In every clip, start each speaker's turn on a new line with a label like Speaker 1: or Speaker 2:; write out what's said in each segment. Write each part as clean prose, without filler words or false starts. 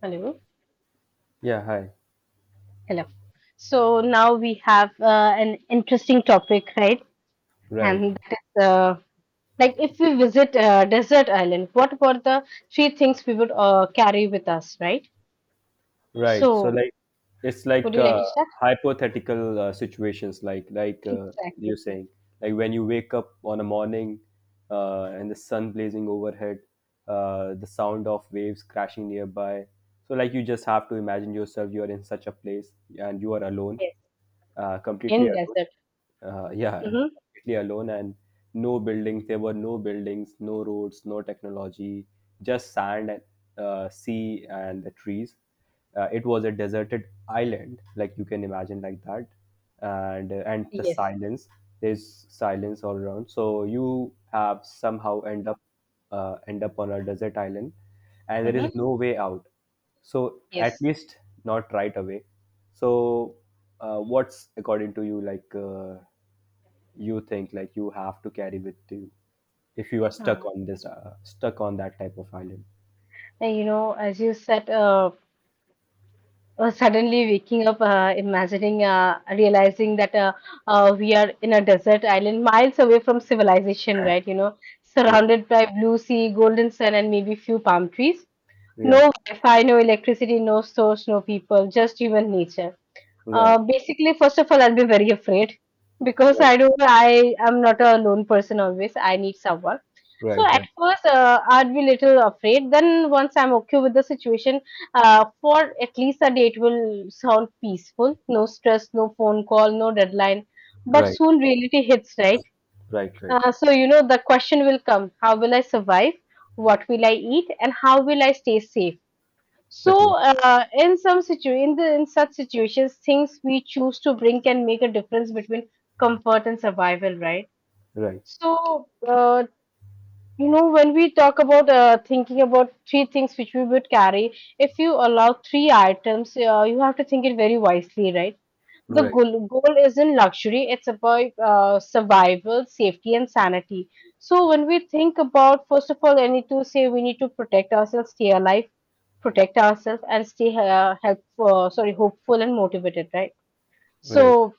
Speaker 1: Hello.
Speaker 2: Yeah, hi.
Speaker 1: Hello. So now we have an interesting topic, right?
Speaker 2: Right,
Speaker 1: And that is like if we visit a desert island, what were the three things we would carry with us, right?
Speaker 2: right. So
Speaker 1: So
Speaker 2: like it's
Speaker 1: would
Speaker 2: like
Speaker 1: you like to start?
Speaker 2: hypothetical situations, like
Speaker 1: Exactly.
Speaker 2: you're saying, like when you wake up on a morning and the sun blazing overhead, the sound of waves crashing nearby. So like you just have to imagine yourself you are in such a place and you are alone,
Speaker 1: Yes.
Speaker 2: completely
Speaker 1: In
Speaker 2: alone.
Speaker 1: desert.
Speaker 2: Yeah,
Speaker 1: Mm-hmm.
Speaker 2: completely alone and no buildings. There were no buildings, no roads, no technology, just sand and sea and the trees. It was a deserted island, like you can imagine, like that, and the
Speaker 1: Yes.
Speaker 2: silence. There's silence all around. So you have somehow end up on a desert island, and there is
Speaker 1: Mm-hmm.
Speaker 2: no way out. So at
Speaker 1: Yes.
Speaker 2: least not right away. So what's according to you like you think like you have to carry with you if you are stuck
Speaker 1: Uh,
Speaker 2: on this stuck on that type of island?
Speaker 1: as you said, suddenly waking up, imagining, realizing that we are in a desert island miles away from civilization, right? You know,
Speaker 2: Yeah.
Speaker 1: surrounded by blue sea, golden sun, and maybe few palm trees.
Speaker 2: Yeah.
Speaker 1: No Wi-Fi, no electricity, no source, no people, just human nature.
Speaker 2: Right.
Speaker 1: Basically, first of all, I'll be very afraid because
Speaker 2: Right.
Speaker 1: I am not a lone person always. I need someone. So
Speaker 2: Right.
Speaker 1: at
Speaker 2: Right.
Speaker 1: first, I'd be little afraid. Then once I'm okay with the situation, for at least a day, it will sound peaceful. No stress, no phone call, no deadline. But
Speaker 2: Right.
Speaker 1: soon reality hits, right?
Speaker 2: Right. Right.
Speaker 1: So you know the question will come: how will I survive? What will I eat? And how will I stay safe? So,
Speaker 2: Definitely.
Speaker 1: in some situ in the in such situations, things we choose to bring can make a difference between comfort and survival, right?
Speaker 2: Right.
Speaker 1: So, you know, when we talk about thinking about three things which we would carry, if you allow three items, you have to think it very wisely, right? The
Speaker 2: Right.
Speaker 1: goal isn't luxury, it's about survival, safety, and sanity. So, when we think about, first of all, I need to say we need to protect ourselves, stay alive, protect ourselves, and stay helpful, sorry, hopeful and motivated, right?
Speaker 2: Right.
Speaker 1: So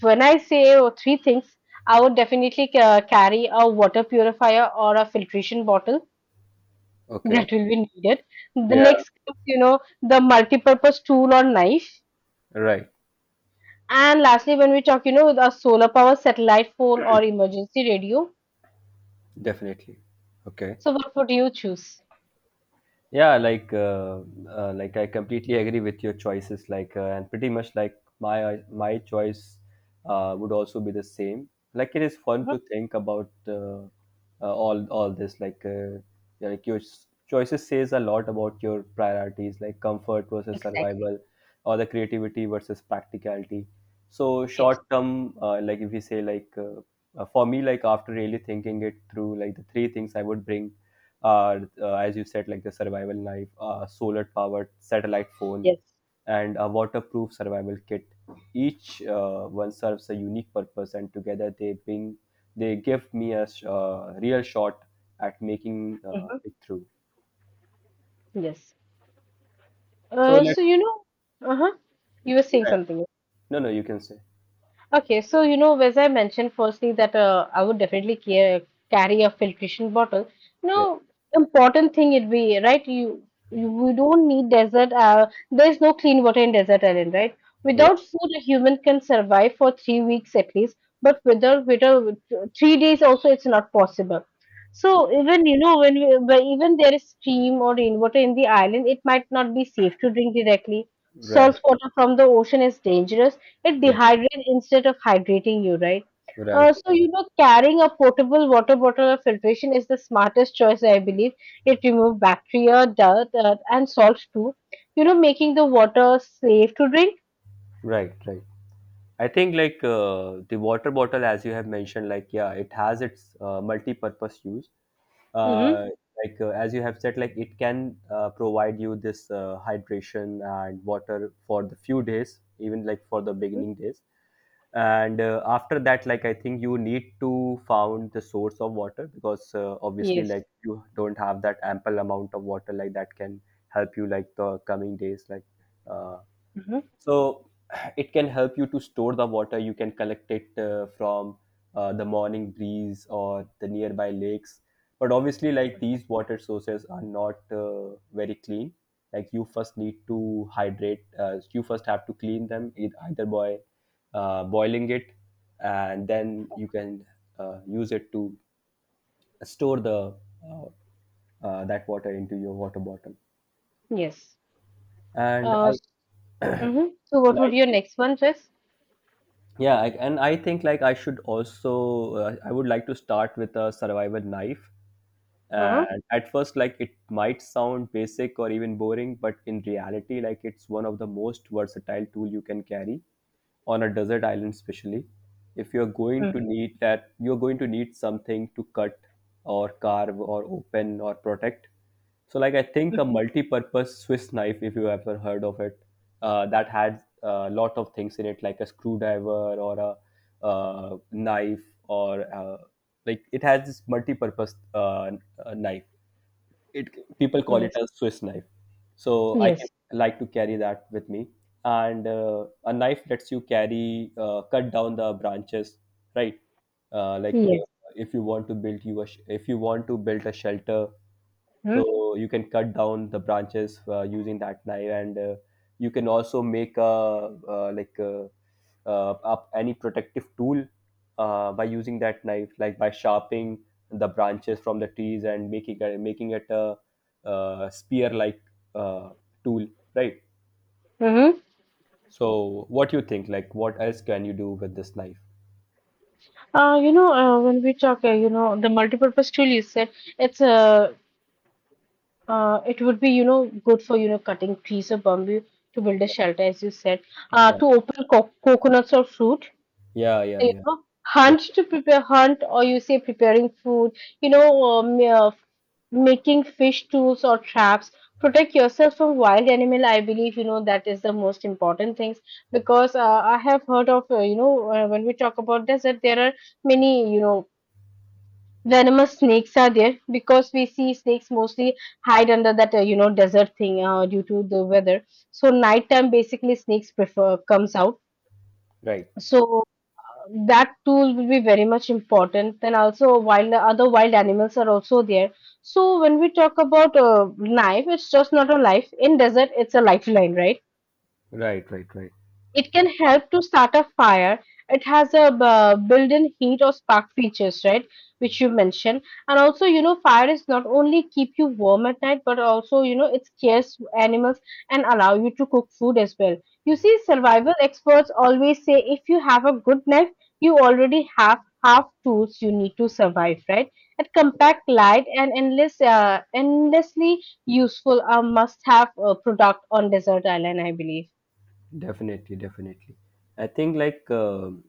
Speaker 1: when I say oh, three things, I would definitely carry a water purifier or a filtration bottle that
Speaker 2: Okay.
Speaker 1: will be needed. The
Speaker 2: Yeah.
Speaker 1: next comes, you know, the multi-purpose tool or knife.
Speaker 2: Right.
Speaker 1: And lastly, when we talk, you know, a solar power satellite phone or emergency radio.
Speaker 2: Definitely. Okay.
Speaker 1: So what would you choose?
Speaker 2: Yeah like I completely agree with your choices like and pretty much like my choice would also be the same like it is fun
Speaker 1: Mhm.
Speaker 2: to think about all this like yeah, like your choices says a lot about your priorities like comfort versus
Speaker 1: Exactly.
Speaker 2: survival or the creativity versus practicality. So
Speaker 1: Yes.
Speaker 2: short term, like if we say like for me, like after really thinking it through, like the three things I would bring, as you said, like the survival knife, solar powered satellite phone,
Speaker 1: Yes.
Speaker 2: and a waterproof survival kit. Each one serves a unique purpose, and together they bring they give me a real shot at making
Speaker 1: Mhm.
Speaker 2: it through.
Speaker 1: Yes.
Speaker 2: So let
Speaker 1: Uh-huh. You were saying
Speaker 2: yeah.
Speaker 1: something.
Speaker 2: No no you can say
Speaker 1: Okay, so you know, as I mentioned firstly that I would definitely carry a filtration bottle.
Speaker 2: yeah.
Speaker 1: Now, important thing it be right. You we don't need desert. There's no clean water in desert island, right? Without
Speaker 2: Right,
Speaker 1: food, a human can survive for 3 weeks at least. But without 3 days also, it's not possible. So even you know when we, but even there is stream or rainwater in the island, it might not be safe to drink directly.
Speaker 2: right,
Speaker 1: Salt water from the ocean is dangerous, it
Speaker 2: right,
Speaker 1: dehydrates instead of hydrating you, right?
Speaker 2: right,
Speaker 1: So, you know, carrying a portable water bottle of filtration is the smartest choice, I believe. It removes bacteria, dirt, and salts too. You know, making the water safe to drink.
Speaker 2: right, right. I think like the water bottle, as you have mentioned, like yeah, it has its multi-purpose use.
Speaker 1: Mm-hmm.
Speaker 2: Uh, like uh, as you have said, like it can provide you this hydration and water for the few days, even like for the
Speaker 1: Mm-hmm.
Speaker 2: beginning days, and after that like I think you need to found the source of water, because obviously
Speaker 1: Yes.
Speaker 2: like you don't have that ample amount of water like that can help you like the coming days like uh,
Speaker 1: Hmm.
Speaker 2: so it can help you to store the water. You can collect it from the morning breeze or the nearby lakes. But obviously, like these water sources are not very clean. Like you first need to hydrate. You first have to clean them either by boiling it, and then you can use it to store the uh, that water into your water bottle.
Speaker 1: Yes.
Speaker 2: And
Speaker 1: Uh,
Speaker 2: I and
Speaker 1: So, what would
Speaker 2: I
Speaker 1: your
Speaker 2: think
Speaker 1: next one, Jess?
Speaker 2: yeah and I think like I should also I would like to start with a survival knife.
Speaker 1: Uh-huh.
Speaker 2: And at first like it might sound basic or even boring, but in reality like it's one of the most versatile tool you can carry on a desert island, especially if you're going to
Speaker 1: Mm-hmm.
Speaker 2: need that, you're going to need something to cut or carve or open or protect. So like I think a multi-purpose Swiss knife, if you ever heard of it, that had a lot of things in it, like a screwdriver or a knife or like it has this multi-purpose knife. It people
Speaker 1: Mm-hmm.
Speaker 2: call it
Speaker 1: Yes.
Speaker 2: a Swiss knife. So I can
Speaker 1: Yes.
Speaker 2: like to carry that with me, and a knife lets you carry cut down the branches, right? Like
Speaker 1: Yes.
Speaker 2: if you want to build you a sh- if you want to build a shelter,
Speaker 1: Mm-hmm.
Speaker 2: so you can cut down the branches using that knife, and you can also make a like up any protective tool by using that knife, like by sharpening the branches from the trees and making it a, spear like uh, tool, right?
Speaker 1: Mm-hmm.
Speaker 2: So what you think like what else can you do with this knife?
Speaker 1: When we talk, you know, the multipurpose tool you said, it's a it would be, you know, good for, you know, cutting trees or bamboo to build a shelter, as you said.
Speaker 2: Yeah,
Speaker 1: To open co coconuts or fruit,
Speaker 2: yeah, yeah,
Speaker 1: you
Speaker 2: yeah.
Speaker 1: know, hunt
Speaker 2: Definitely.
Speaker 1: to prepare hunt, or you say preparing food, you know, um, uh, making fish tools or traps. Protect yourself from wild animal. I believe, you know, that is the most important things because I have heard of, when we talk about desert, there are many, you know, venomous snakes are there because we see snakes mostly hide under that desert thing due to the weather, so nighttime basically snakes prefer comes out.
Speaker 2: Right,
Speaker 1: So that tool will be very much important. Then also wild animals are also there. So when we talk about a knife, it's just not a life in desert, it's a lifeline, right?
Speaker 2: right, right, right.
Speaker 1: It can help to start a fire. It has a built-in heat or spark features, right? Which you mentioned. And also, you know, fire is not only keep you warm at night, but also, you know, it scares animals and allow you to cook food as well. You see, survival experts always say if you have a good knife, you already have half tools you need to survive, right? And compact, light, and endlessly useful, a must-have product on desert island, I believe.
Speaker 2: Definitely, definitely. I think like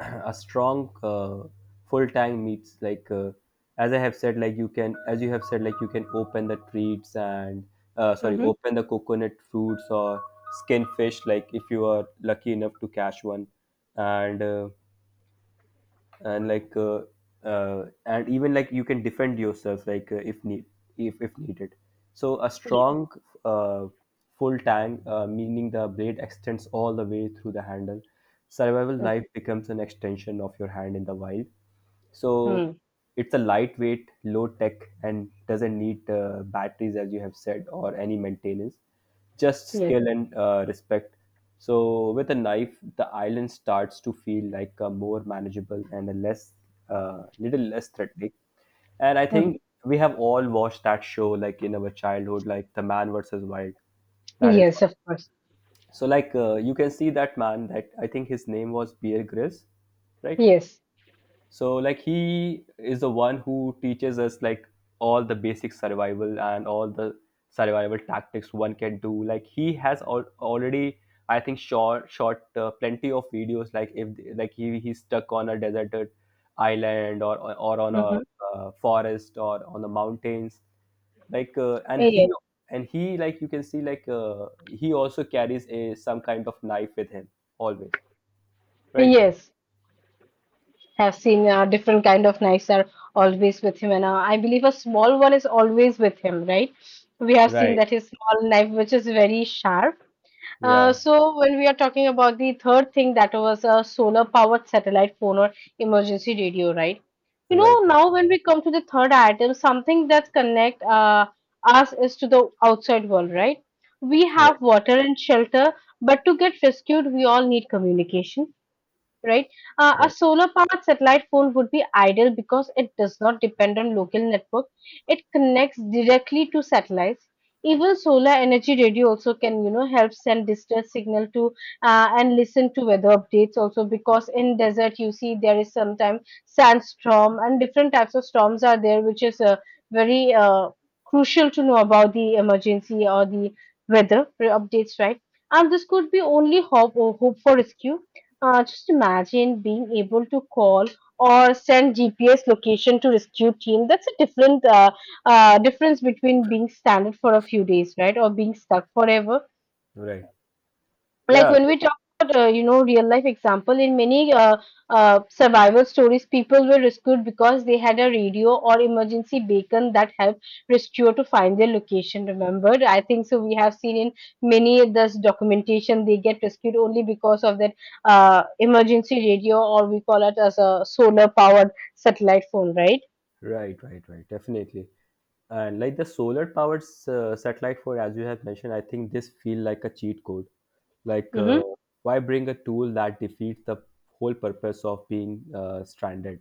Speaker 2: a strong full time meets like as I have said, like you can as you have said, like you can open the treats and sorry,
Speaker 1: Mm-hmm.
Speaker 2: open the coconut fruits or skin fish, like if you are lucky enough to catch one, and uh, and like and even like you can defend yourself like if need if needed. So a strong uh, full tang meaning the blade extends all the way through the handle, survival
Speaker 1: Yes.
Speaker 2: knife becomes an extension of your hand in the wild. So
Speaker 1: Mm-hmm.
Speaker 2: it's a lightweight low tech and doesn't need batteries as you have said or any maintenance, just
Speaker 1: Yes.
Speaker 2: skill and respect. So with a knife, the island starts to feel like a more manageable and a less, little less threatening. And I
Speaker 1: Mm-hmm.
Speaker 2: think we have all watched that show like in our childhood, like The Man versus Wild. That is
Speaker 1: Yes, of course.
Speaker 2: so like you can see that man that I think his name was Bear Grylls, right?
Speaker 1: Yes.
Speaker 2: So like he is the one who teaches us like all the basic survival and all the survival tactics one can do, like he has already I think short shot plenty of videos like if like he he's stuck on a deserted island or on a
Speaker 1: Mm-hmm.
Speaker 2: forest or on the mountains like
Speaker 1: Yes.
Speaker 2: and he like you can see like he also carries a some kind of knife with him always, right?
Speaker 1: Yes. Have seen different kind of knives are always with him, and I believe a small one is always with him, right? We have seen
Speaker 2: Right.
Speaker 1: that his small knife, which is very sharp. Uh,
Speaker 2: Yeah.
Speaker 1: so when we are talking about the third thing, that was a solar powered satellite phone or emergency radio, right? You know,
Speaker 2: Right,
Speaker 1: now when we come to the third item, something that connect us is to the outside world, right? We
Speaker 2: right,
Speaker 1: have water and shelter, but to get rescued, we all need communication, right? A
Speaker 2: right.
Speaker 1: solar powered satellite phone would be ideal because it does not depend on local network. It connects directly to satellites. Even solar energy radio also can, you know, help send distress signal to and listen to weather updates also, because in desert you see there is sometimes sandstorm and different types of storms are there, which is very crucial to know about the emergency or the weather updates, right? And this could be only hope or hope for rescue. Just imagine being able to call or send GPS location to rescue team. That's a different difference between being stranded for a few days, right, or being stuck forever.
Speaker 2: Right.
Speaker 1: Like
Speaker 2: Yeah.
Speaker 1: when we talk about you know real life example, in many survival stories people were rescued because they had a radio or emergency beacon that helped rescuer to find their location, remembered, I think. So we have seen in many of this documentation they get rescued only because of that emergency radio, or we call it as a solar powered satellite phone, right?
Speaker 2: Right. Right. Right. Definitely. And like the solar powered satellite for, as you have mentioned, I think this feel like a cheat code. Like,
Speaker 1: Mm-hmm.
Speaker 2: why bring a tool that defeats the whole purpose of being stranded?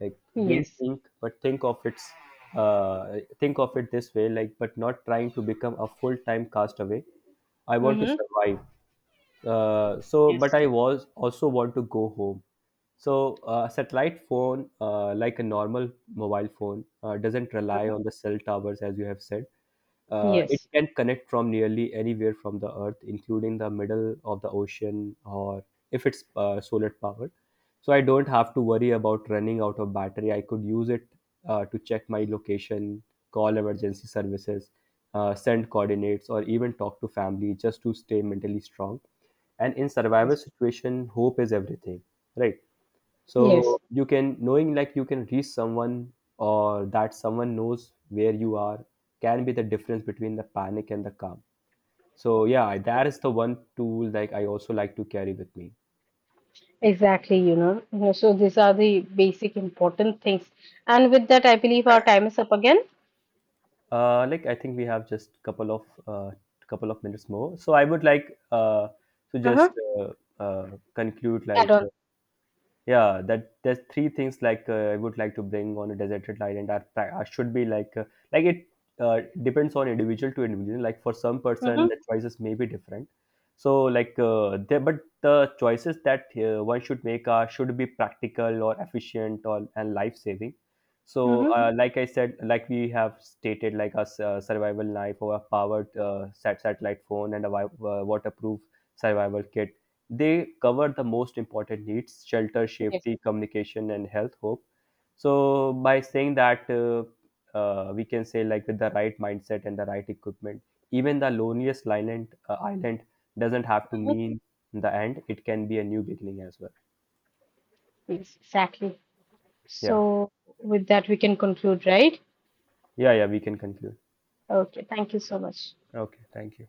Speaker 2: Like being
Speaker 1: Yes.
Speaker 2: think, but think of its, think of it this way. Like, but not trying to become a full time castaway. I want to
Speaker 1: Mm-hmm.
Speaker 2: survive. So,
Speaker 1: Yes.
Speaker 2: but I was also want to go home. So, a satellite phone, like a normal mobile phone, doesn't rely
Speaker 1: Mhm.
Speaker 2: on the cell towers, as you have said. It
Speaker 1: Yes.
Speaker 2: can connect from nearly anywhere from the Earth, including the middle of the ocean, or if it's solar powered. So I don't have to worry about running out of battery. I could use it to check my location, call emergency services, send coordinates, or even talk to family, just to stay mentally strong. And in survival
Speaker 1: Yes.
Speaker 2: situation hope is everything, right? So
Speaker 1: Yes.
Speaker 2: you can knowing like you can reach someone or that someone knows where you are can be the difference between the panic and the calm. So yeah, that is the one tool like I also like to carry with me.
Speaker 1: Exactly, you know. You know, so these are the basic important things. And with that, I believe our time is up again.
Speaker 2: Like I think we have just couple of minutes more, so I would like to just
Speaker 1: Uh-huh.
Speaker 2: uh, uh conclude
Speaker 1: Add
Speaker 2: like
Speaker 1: on.
Speaker 2: yeah that there's three things like I would like to bring on a deserted island are that I should be like it depends on individual to individual, like for some person
Speaker 1: Mm-hmm.
Speaker 2: the choices may be different. So like there but the choices that one should make are should be practical or efficient or and life saving. So
Speaker 1: Mm-hmm.
Speaker 2: like I said like we have stated like a survival knife or a powered satellite phone and a waterproof survival kit. They cover the most important needs: shelter,
Speaker 1: Yes.
Speaker 2: safety, communication, and health, hope. So, by saying that, we can say, like, with the right mindset and the right equipment, even the loneliest island, island doesn't have to
Speaker 1: Uh-huh.
Speaker 2: mean the end, it can be a new beginning as well.
Speaker 1: Yes, exactly.
Speaker 2: Yeah,
Speaker 1: So with that, we can conclude, right?
Speaker 2: yeah, yeah, we can conclude.
Speaker 1: Okay. Thank you so much.
Speaker 2: Okay, thank you.